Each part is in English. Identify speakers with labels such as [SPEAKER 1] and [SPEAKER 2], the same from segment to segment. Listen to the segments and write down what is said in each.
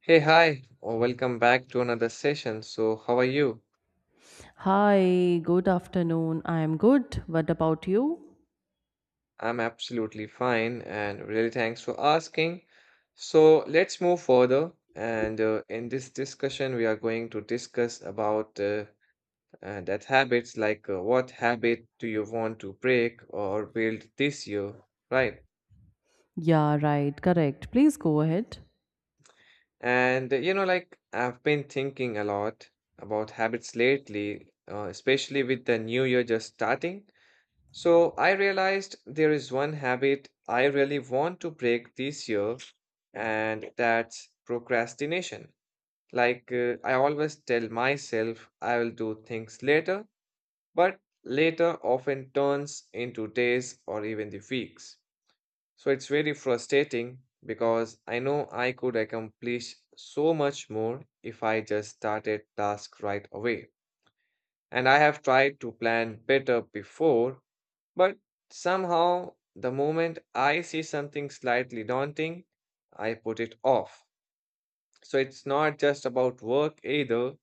[SPEAKER 1] Hey, hi, or welcome back to another session. So, how are you?
[SPEAKER 2] Hi, good afternoon. I am good. What about you?
[SPEAKER 1] I'm absolutely fine and really thanks for asking. So, let's move further. And in this discussion, we are going to discuss about that habits like what habit do you want to break or build this year, right?
[SPEAKER 2] Yeah, right, correct. Please go ahead.
[SPEAKER 1] And you know, like I've been thinking a lot about habits lately, especially with the new year just starting. So I realized there is one habit I really want to break this year, and that's procrastination. Like, I always tell myself I will do things later, but later often turns into days or even the weeks. So it's very frustrating because I know I could accomplish so much more if I just started task right away. And I have tried to plan better before, but somehow, the moment I see something slightly daunting, I put it off. So it's not just about work either,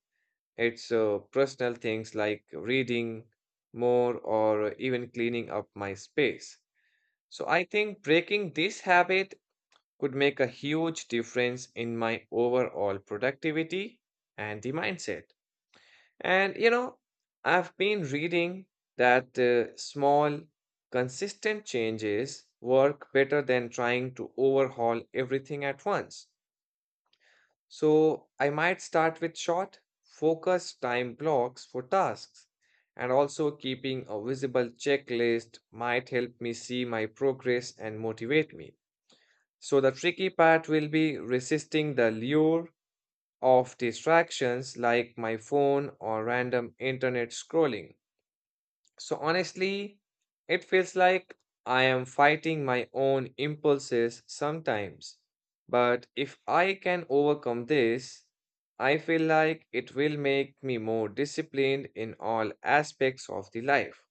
[SPEAKER 1] it's personal things like reading more or even cleaning up my space. So I think breaking this habit could make a huge difference in my overall productivity and the mindset. And you know, I've been reading that small, consistent changes work better than trying to overhaul everything at once. So I might start with short, focused time blocks for tasks. And also, keeping a visible checklist might help me see my progress and motivate me. So, the tricky part will be resisting the lure of distractions like my phone or random internet scrolling. So honestly, it feels like I am fighting my own impulses sometimes. But if I can overcome this, I feel like it will make me more disciplined in all aspects of the life.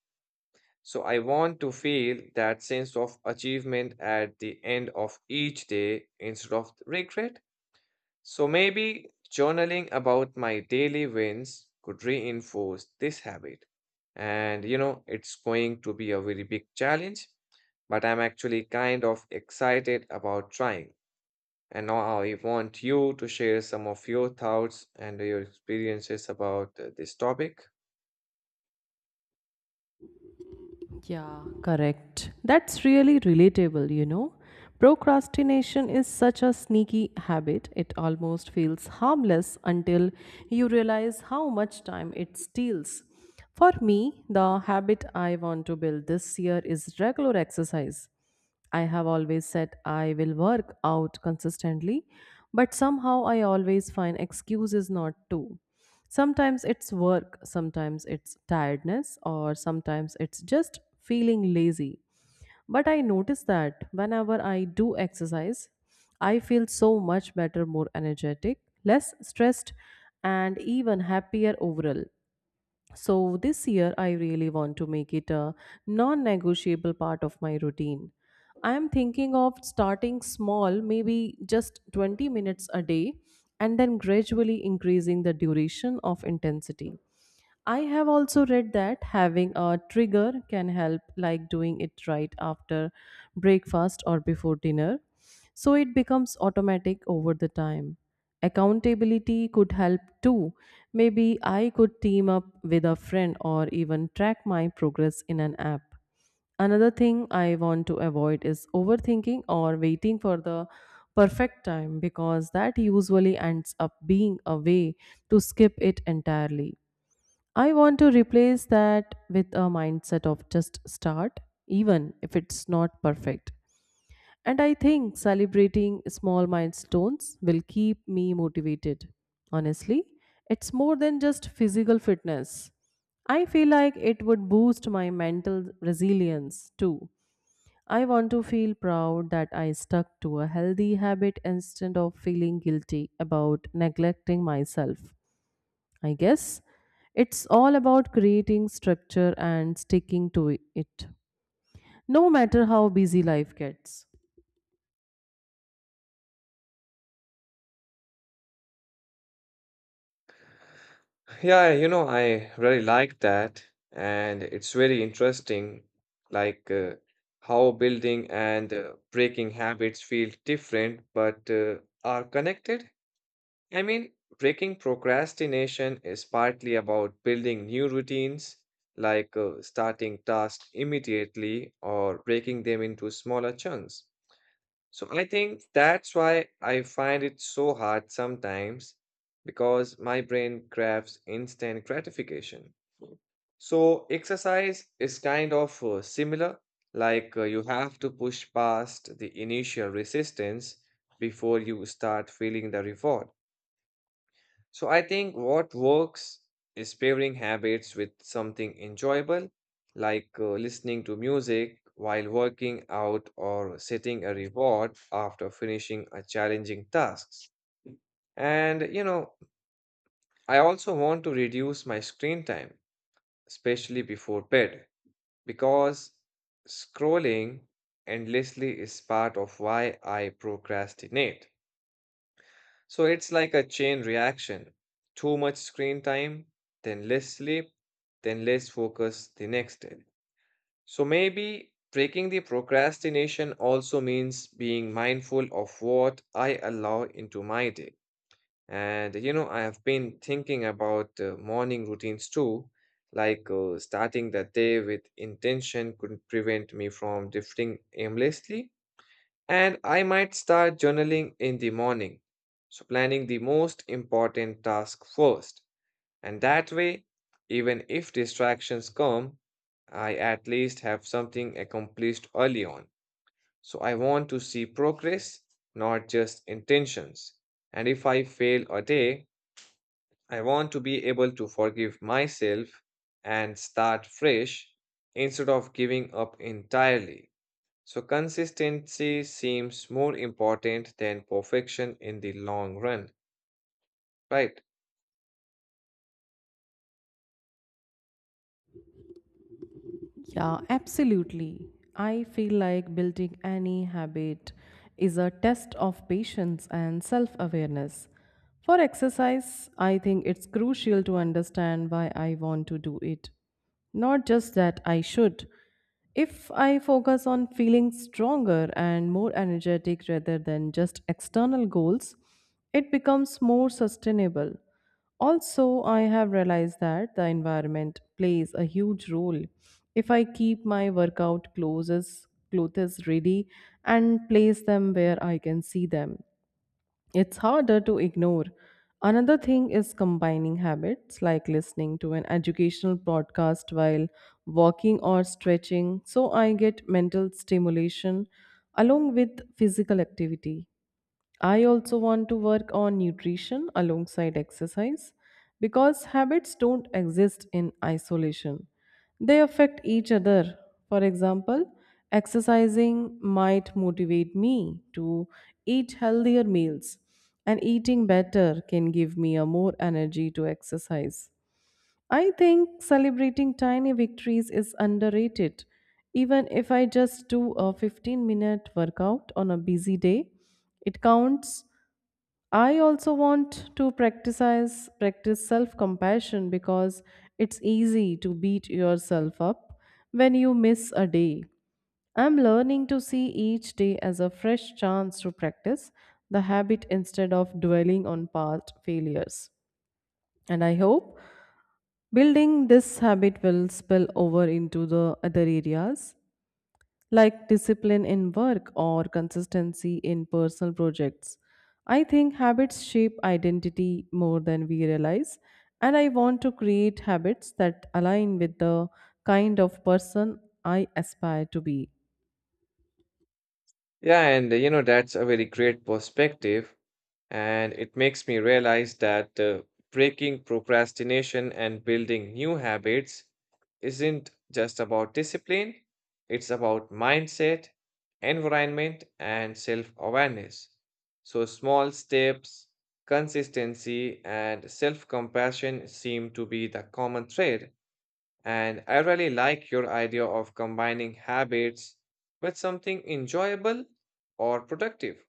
[SPEAKER 1] So I want to feel that sense of achievement at the end of each day instead of regret. So maybe journaling about my daily wins could reinforce this habit. And you know, it's going to be a very big challenge, but I'm actually kind of excited about trying. And now I want you to share some of your thoughts and your experiences about this topic.
[SPEAKER 2] Yeah, correct. That's really relatable, you know. Procrastination is such a sneaky habit, it almost feels harmless until you realize how much time it steals. For me, the habit I want to build this year is regular exercise. I have always said I will work out consistently, but somehow I always find excuses not to. Sometimes it's work, sometimes it's tiredness, or sometimes it's just feeling lazy. But I notice that whenever I do exercise, I feel so much better, more energetic, less stressed, and even happier overall. So this year, I really want to make it a non negotiable part of my routine. I am thinking of starting small, maybe just 20 minutes a day, and then gradually increasing the duration of intensity. I have also read that having a trigger can help, like doing it right after breakfast or before dinner. So it becomes automatic over the time. Accountability could help too. Maybe I could team up with a friend or even track my progress in an app. Another thing I want to avoid is overthinking or waiting for the perfect time because that usually ends up being a way to skip it entirely. I want to replace that with a mindset of just start, even if it's not perfect. And I think celebrating small milestones will keep me motivated. Honestly, it's more than just physical fitness. I feel like it would boost my mental resilience too. I want to feel proud that I stuck to a healthy habit instead of feeling guilty about neglecting myself. I guess it's all about creating structure and sticking to it, no matter how busy life gets.
[SPEAKER 1] Yeah, you know, I really like that. And it's very interesting, like, how building and breaking habits feel different but are connected. I mean, breaking procrastination is partly about building new routines, like, starting tasks immediately or breaking them into smaller chunks. So I think that's why I find it so hard sometimes because my brain craves instant gratification. So exercise is kind of similar, like, you have to push past the initial resistance before you start feeling the reward. So I think what works is pairing habits with something enjoyable, like, listening to music while working out or setting a reward after finishing a challenging task. And you know, I also want to reduce my screen time, especially before bed, because scrolling endlessly is part of why I procrastinate. So it's like a chain reaction. Too much screen time, then less sleep, then less focus the next day. So maybe breaking the procrastination also means being mindful of what I allow into my day. And you know, I have been thinking about morning routines too, like, starting the day with intention could prevent me from drifting aimlessly. And I might start journaling in the morning. So, planning the most important task first. And that way, even if distractions come, I at least have something accomplished early on. So, I want to see progress, not just intentions. And if I fail a day, I want to be able to forgive myself and start fresh instead of giving up entirely. So, consistency seems more important than perfection in the long run, right?
[SPEAKER 2] Yeah, absolutely. I feel like building any habit is a test of patience and self awareness. For exercise, I think it's crucial to understand why I want to do it. Not just that I should. If I focus on feeling stronger and more energetic rather than just external goals, it becomes more sustainable. Also, I have realized that the environment plays a huge role. If I keep my workout clothes, ready and place them where I can see them, it's harder to ignore. Another thing is combining habits like listening to an educational podcast while walking or stretching, so I get mental stimulation along with physical activity. I also want to work on nutrition alongside exercise because habits don't exist in isolation. They affect each other. For example, exercising might motivate me to eat healthier meals, and eating better can give me a more energy to exercise. I think celebrating tiny victories is underrated. Even if I just do a 15-minute workout on a busy day, it counts. I also want to practice self-compassion because it's easy to beat yourself up when you miss a day. I'm learning to see each day as a fresh chance to practice the habit instead of dwelling on past failures. And I hope building this habit will spill over into the other areas like discipline in work or consistency in personal projects. I think habits shape identity more than we realize, and I want to create habits that align with the kind of person I aspire to be.
[SPEAKER 1] Yeah, and you know, that's a very great perspective. And it makes me realize that breaking procrastination and building new habits isn't just about discipline, it's about mindset, environment, and self awareness. So, small steps, consistency, and self compassion seem to be the common thread. And I really like your idea of combining habits with something enjoyable or productive.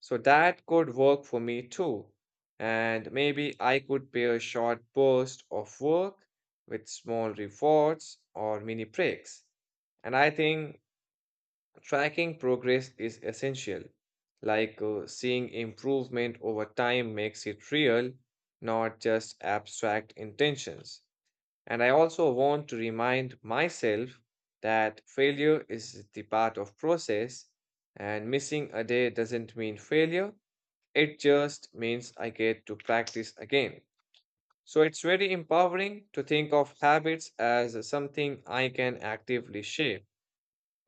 [SPEAKER 1] So that could work for me too. And maybe I could pair a short burst of work with small rewards or mini breaks. And I think tracking progress is essential. Like, seeing improvement over time makes it real, not just abstract intentions. And I also want to remind myself that failure is the part of process and missing a day doesn't mean failure. It just means I get to practice again. So it's very empowering to think of habits as something I can actively shape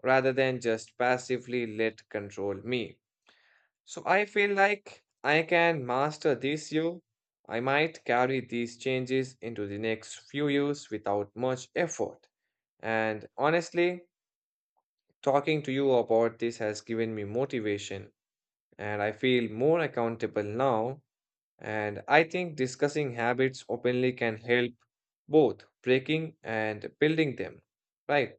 [SPEAKER 1] rather than just passively let control me. So I feel like I can master this year. I might carry these changes into the next few years without much effort. And honestly, talking to you about this has given me motivation, and I feel more accountable now. And I think discussing habits openly can help both breaking and building them. Right.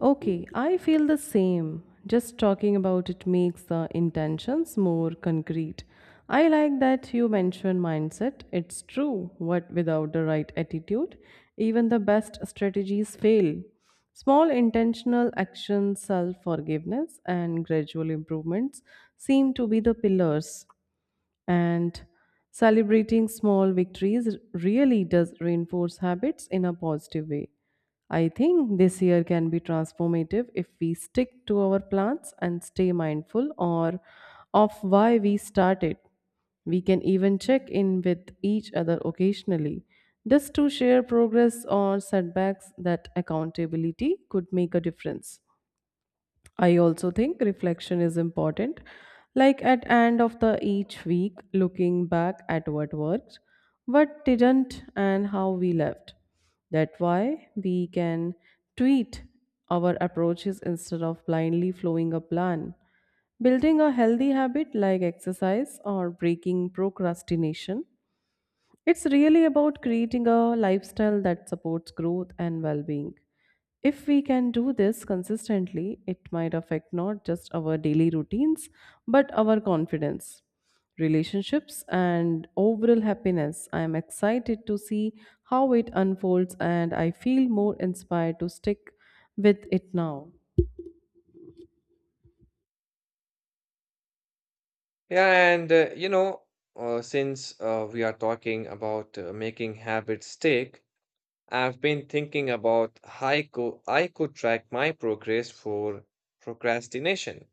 [SPEAKER 2] Okay, I feel the same. Just talking about it makes the intentions more concrete. I like that you mentioned mindset. It's true, what without the right attitude, even the best strategies fail. Small intentional actions, self forgiveness, and gradual improvements seem to be the pillars. And celebrating small victories really does reinforce habits in a positive way. I think this year can be transformative if we stick to our plans and stay mindful or of why we started. We can even check in with each other occasionally just to share progress or setbacks that accountability could make a difference. I also think reflection is important. Like at end of the each week, looking back at what worked, what didn't, and how we left. That why we can tweet our approaches instead of blindly following a plan. Building a healthy habit like exercise or breaking procrastination, it's really about creating a lifestyle that supports growth and well being. If we can do this consistently, it might affect not just our daily routines, but our confidence, relationships, and overall happiness. I am excited to see how it unfolds, and I feel more inspired to stick with it now.
[SPEAKER 1] Yeah, and since we are talking about making habits stick, I've been thinking about I could track my progress for procrastination.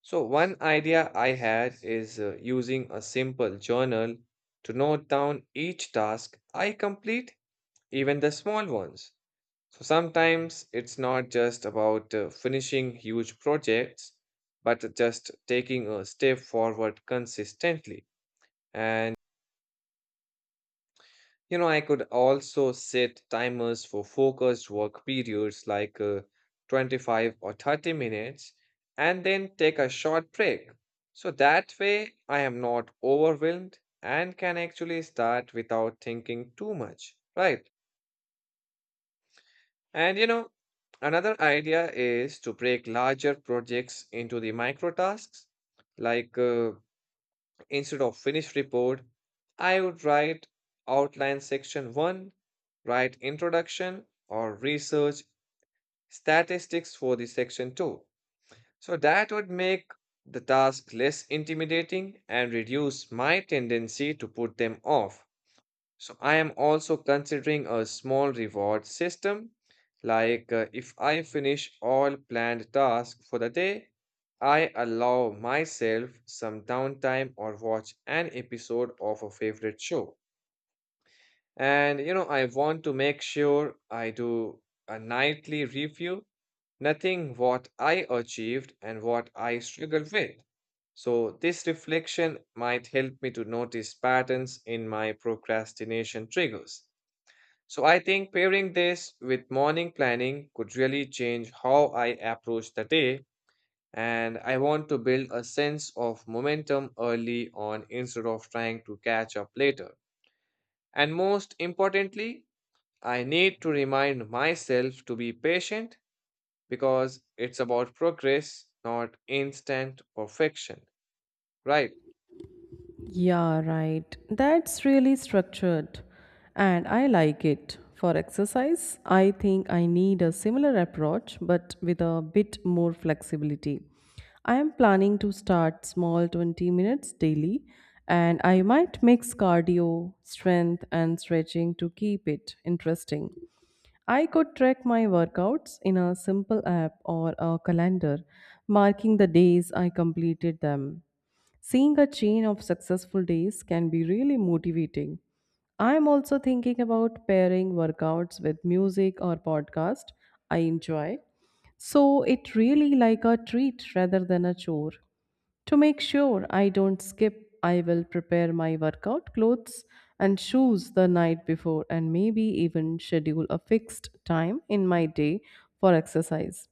[SPEAKER 1] So, one idea I had is using a simple journal to note down each task I complete, even the small ones. So, sometimes it's not just about finishing huge projects, but just taking a step forward consistently. And you know, I could also set timers for focused work periods like 25 or 30 minutes and then take a short break. So that way, I am not overwhelmed and can actually start without thinking too much, right? And you know, another idea is to break larger projects into the micro tasks like instead of finished report, I would write outline section 1, write introduction or research statistics for the section 2. So that would make the task less intimidating and reduce my tendency to put them off. So I am also considering a small reward system. Like, if I finish all planned tasks for the day, I allow myself some downtime or watch an episode of a favorite show. And you know, I want to make sure I do a nightly review, nothing what I achieved and what I struggled with. So this reflection might help me to notice patterns in my procrastination triggers. So I think pairing this with morning planning could really change how I approach the day. And I want to build a sense of momentum early on instead of trying to catch up later. And most importantly, I need to remind myself to be patient because it's about progress, not instant perfection. Right.
[SPEAKER 2] Yeah, right. That's really structured and I like it. For exercise, I think I need a similar approach but with a bit more flexibility. I am planning to start small, 20 minutes daily, and I might mix cardio, strength, and stretching to keep it interesting. I could track my workouts in a simple app or a calendar, marking the days I completed them. Seeing a chain of successful days can be really motivating. I am also thinking about pairing workouts with music or podcast I enjoy. So it really like a treat rather than a chore. To make sure I don't skip, I will prepare my workout clothes and shoes the night before and maybe even schedule a fixed time in my day for exercise.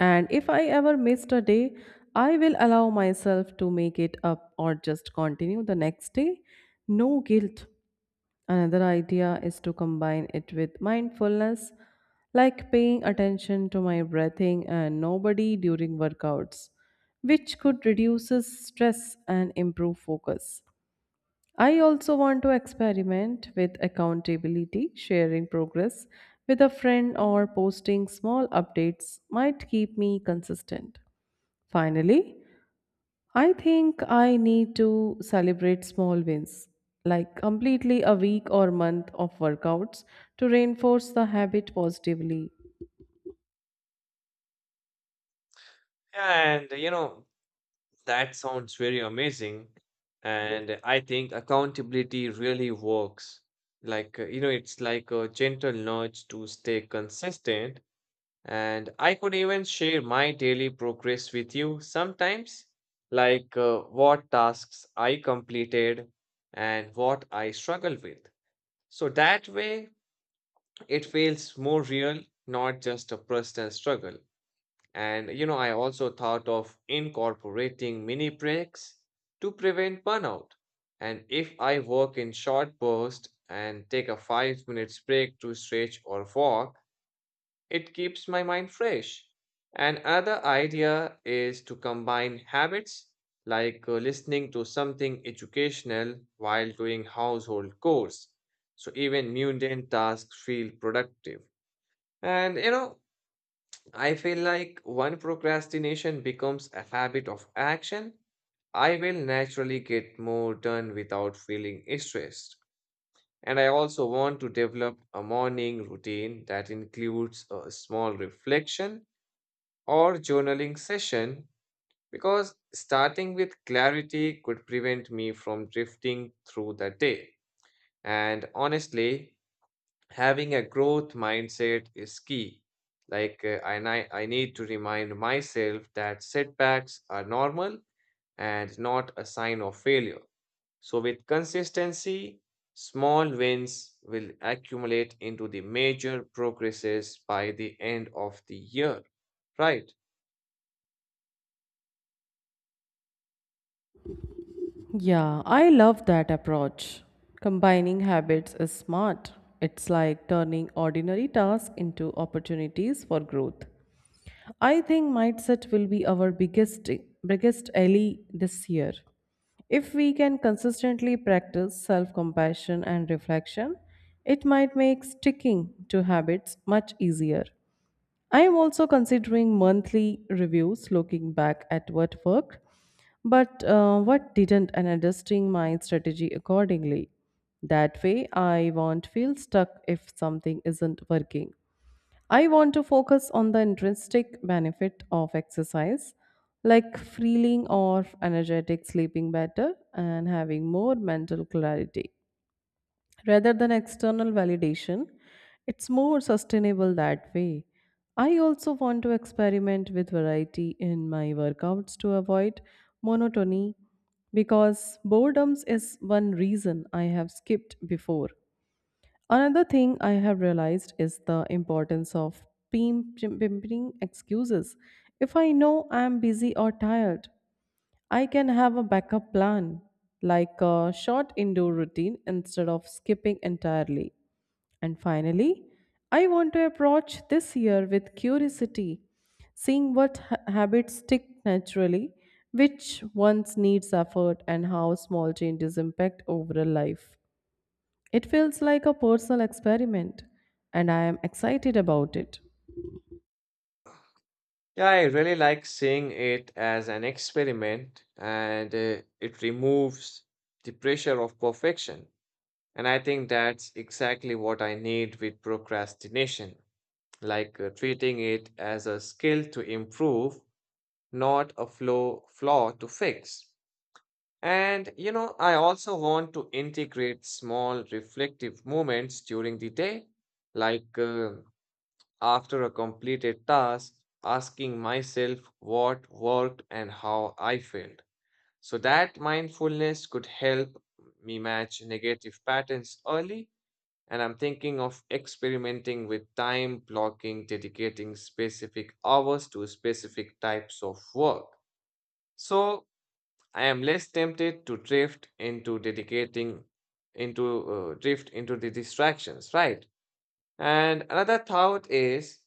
[SPEAKER 2] And if I ever missed a day, I will allow myself to make it up or just continue the next day. No guilt. Another idea is to combine it with mindfulness, like paying attention to my breathing and nobody during workouts, which could reduce stress and improve focus. I also want to experiment with accountability, sharing progress with a friend or posting small updates might keep me consistent. Finally, I think I need to celebrate small wins, like completely a week or month of workouts to reinforce the habit positively.
[SPEAKER 1] And you know, that sounds very amazing. And I think accountability really works. You know, it's like a gentle nudge to stay consistent. And I could even share my daily progress with you sometimes, like what tasks I completed and what I struggle with. So that way, it feels more real, not just a personal struggle. And you know, I also thought of incorporating mini breaks to prevent burnout. And if I work in short bursts and take a 5 minute break to stretch or walk, it keeps my mind fresh. And another idea is to combine habits like listening to something educational while doing household chores. So even mundane tasks feel productive. And you know, I feel like when procrastination becomes a habit of action, I will naturally get more done without feeling stressed. And I also want to develop a morning routine that includes a small reflection or journaling session because starting with clarity could prevent me from drifting through the day. And honestly, having a growth mindset is key. Like, I need to remind myself that setbacks are normal and not a sign of failure. So, with consistency, small wins will accumulate into the major progresses by the end of the year. Right.
[SPEAKER 2] Yeah, I love that approach. Combining habits is smart. It's like turning ordinary tasks into opportunities for growth. I think mindset will be our biggest ally this year. If we can consistently practice self-compassion and reflection, it might make sticking to habits much easier. I am also considering monthly reviews, looking back at what worked, but what didn't, and adjusting my strategy accordingly. That way, I won't feel stuck if something isn't working. I want to focus on the intrinsic benefit of exercise, like feeling or energetic, sleeping better, and having more mental clarity rather than external validation. It's more sustainable that way. I also want to experiment with variety in my workouts to avoid monotony because boredom is one reason I have skipped before. Another thing I have realized is the importance of pimping excuses. If I know I am busy or tired, I can have a backup plan, like a short indoor routine instead of skipping entirely. And finally, I want to approach this year with curiosity, seeing what habits stick naturally, which ones needs effort, and how small changes impact overall life. It feels like a personal experiment, and I am excited about it.
[SPEAKER 1] Yeah, I really like seeing it as an experiment and it removes the pressure of perfection. And I think that's exactly what I need with procrastination, like treating it as a skill to improve, not a flaw to fix. And you know, I also want to integrate small reflective moments during the day, like after a completed task, asking myself what worked and how I failed. So that mindfulness could help me match negative patterns early and I'm thinking of experimenting with time blocking, dedicating specific hours to specific types of work. So I am less tempted to drift into the distractions, right? And another thought is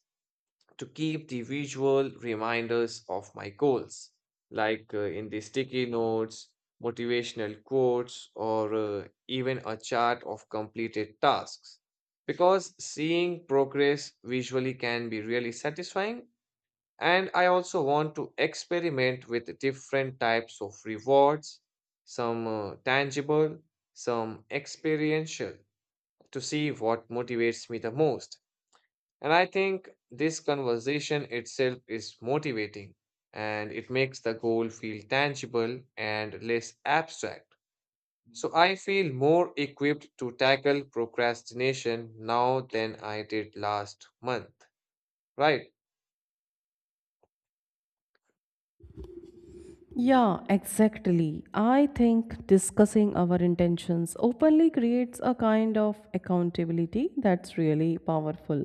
[SPEAKER 1] to keep the visual reminders of my goals, like in the sticky notes, motivational quotes, or even a chart of completed tasks. Because seeing progress visually can be really satisfying. And I also want to experiment with different types of rewards, some tangible, some experiential, to see what motivates me the most. And I think this conversation itself is motivating and it makes the goal feel tangible and less abstract. So I feel more equipped to tackle procrastination now than I did last month, right?
[SPEAKER 2] Yeah, exactly. I think discussing our intentions openly creates a kind of accountability that's really powerful.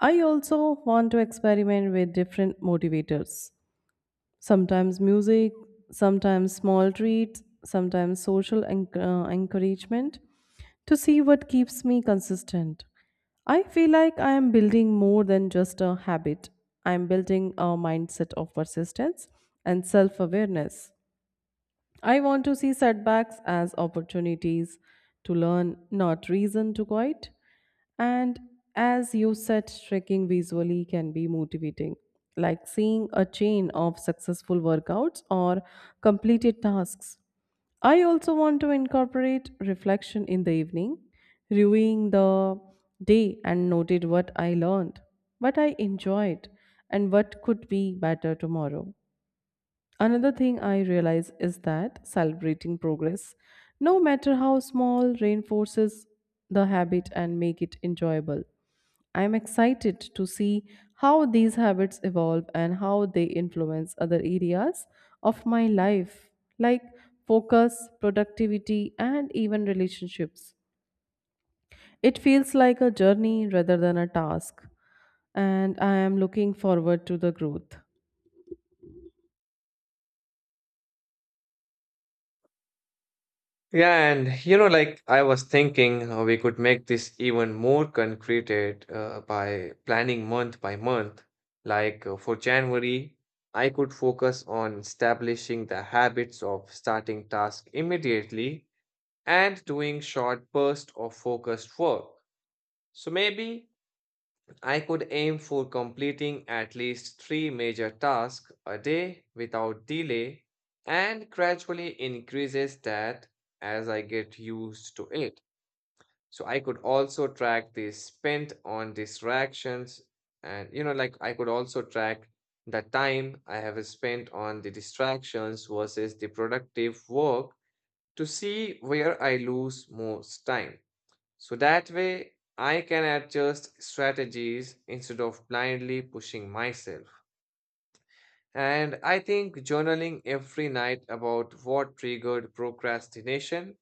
[SPEAKER 2] I also want to experiment with different motivators. Sometimes music, sometimes small treats, sometimes social encouragement to see what keeps me consistent. I feel like I am building more than just a habit. I am building a mindset of persistence and self awareness. I want to see setbacks as opportunities to learn, not reason to quit. And as you said, trekking visually can be motivating, like seeing a chain of successful workouts or completed tasks. I also want to incorporate reflection in the evening, reviewing the day and noted what I learned, what I enjoyed, and what could be better tomorrow. Another thing I realize is that celebrating progress, no matter how small, reinforces the habit and make it enjoyable. I am excited to see how these habits evolve and how they influence other areas of my life, like focus, productivity, and even relationships. It feels like a journey rather than a task, and I am looking forward to the growth.
[SPEAKER 1] Yeah, and you know, like I was thinking, we could make this even more concreted by planning month by month. Like for January, I could focus on establishing the habits of starting tasks immediately and doing short bursts of focused work. So maybe I could aim for completing at least three major tasks a day without delay and gradually increases that as I get used to it. So I could also track the spent on distractions and I could also track the time I have spent on the distractions versus the productive work to see where I lose most time. So that way, I can adjust strategies instead of blindly pushing myself. And I think journaling every night about what triggered procrastination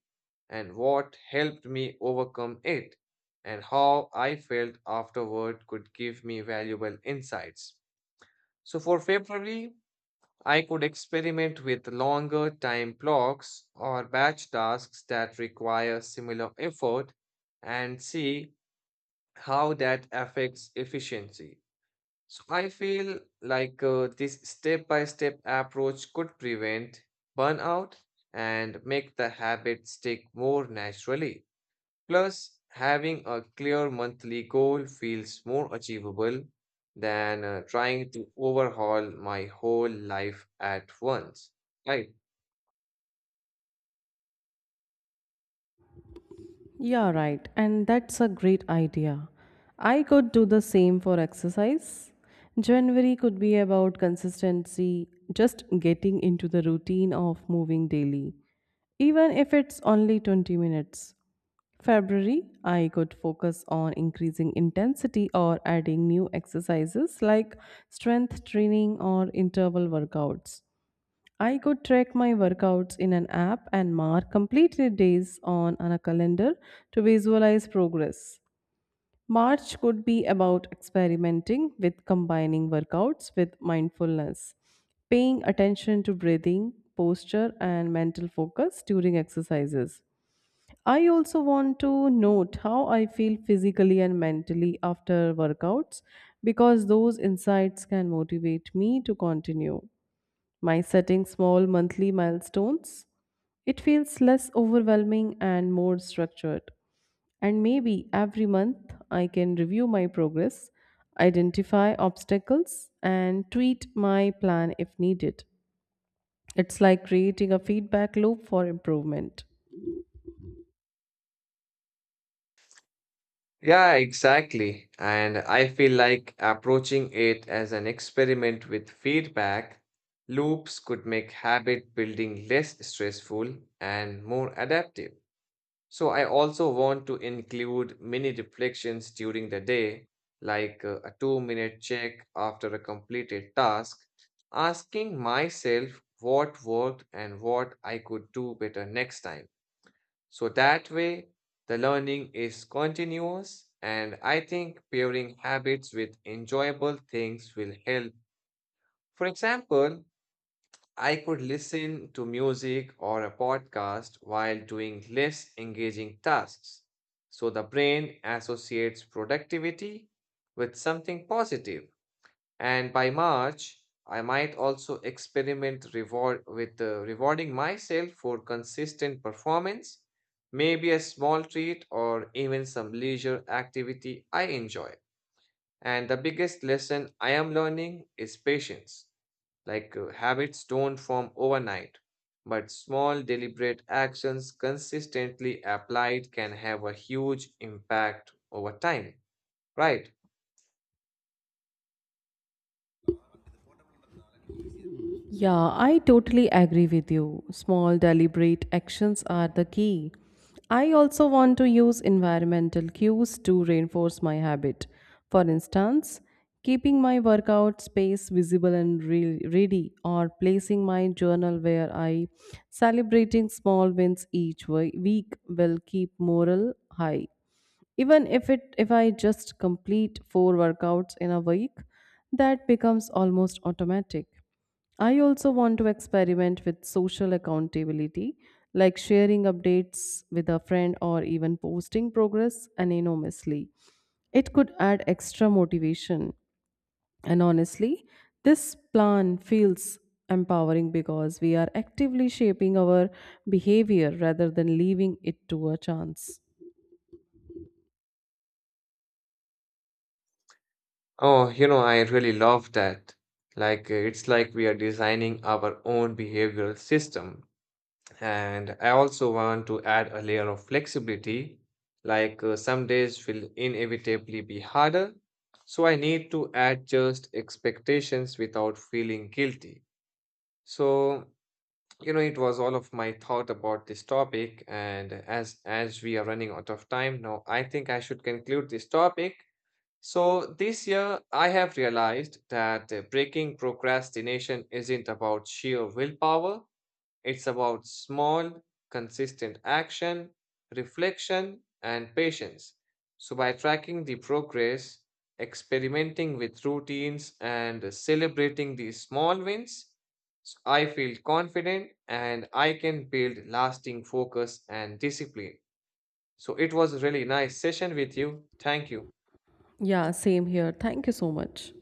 [SPEAKER 1] and what helped me overcome it and how I felt afterward could give me valuable insights. So for February, I could experiment with longer time blocks or batch tasks that require similar effort and see how that affects efficiency. So I feel like this step by step approach could prevent burnout and make the habit stick more naturally. Plus, having a clear monthly goal feels more achievable than trying to overhaul my whole life at once. Right.
[SPEAKER 2] Yeah, right. And that's a great idea. I could do the same for exercise. January could be about consistency, just getting into the routine of moving daily, even if it's only 20 minutes. February, I could focus on increasing intensity or adding new exercises like strength training or interval workouts. I could track my workouts in an app and mark completed days on a calendar to visualize progress. March could be about experimenting with combining workouts with mindfulness, paying attention to breathing, posture, and mental focus during exercises. I also want to note how I feel physically and mentally after workouts because those insights can motivate me to continue. My setting small monthly milestones, it feels less overwhelming and more structured. And maybe every month I can review my progress, identify obstacles, and tweak my plan if needed. It's like creating a feedback loop for improvement.
[SPEAKER 1] Yeah, exactly. And I feel like approaching it as an experiment with feedback loops could make habit building less stressful and more adaptive. So I also want to include mini reflections during the day, like a 2 minute check after a completed task, asking myself what worked and what I could do better next time. So that way, the learning is continuous, and I think pairing habits with enjoyable things will help. For example, I could listen to music or a podcast while doing less engaging tasks. So the brain associates productivity with something positive. And by March, I might also experiment reward with rewarding myself for consistent performance, maybe a small treat or even some leisure activity I enjoy. And the biggest lesson I am learning is patience. Like habits don't form overnight, but small deliberate actions consistently applied can have a huge impact over time, right?
[SPEAKER 2] Yeah, I totally agree with you. Small, deliberate actions are the key. I also want to use environmental cues to reinforce my habit. For instance, keeping my workout space visible and ready, or placing my journal where I celebrating small wins each week will keep morale high, even if it if I just complete four workouts in a week, that becomes almost automatic. I also want to experiment with social accountability, like sharing updates with a friend or even posting progress anonymously, it could add extra motivation. And honestly, this plan feels empowering because we are actively shaping our behavior rather than leaving it to a chance.
[SPEAKER 1] Oh, you know, I really love that. Like, it's like we are designing our own behavioral system. And I also want to add a layer of flexibility. Like, some days will inevitably be harder. So I need to adjust expectations without feeling guilty. So, you know, it was all of my thought about this topic. And as we are running out of time now, I think I should conclude this topic. So this year, I have realized that breaking procrastination isn't about sheer willpower, it's about small, consistent action, reflection, and patience. So by tracking the progress, experimenting with routines, and celebrating the small wins, I feel confident and I can build lasting focus and discipline. So it was a really nice session with you. Thank you.
[SPEAKER 2] Yeah, same here. Thank you so much.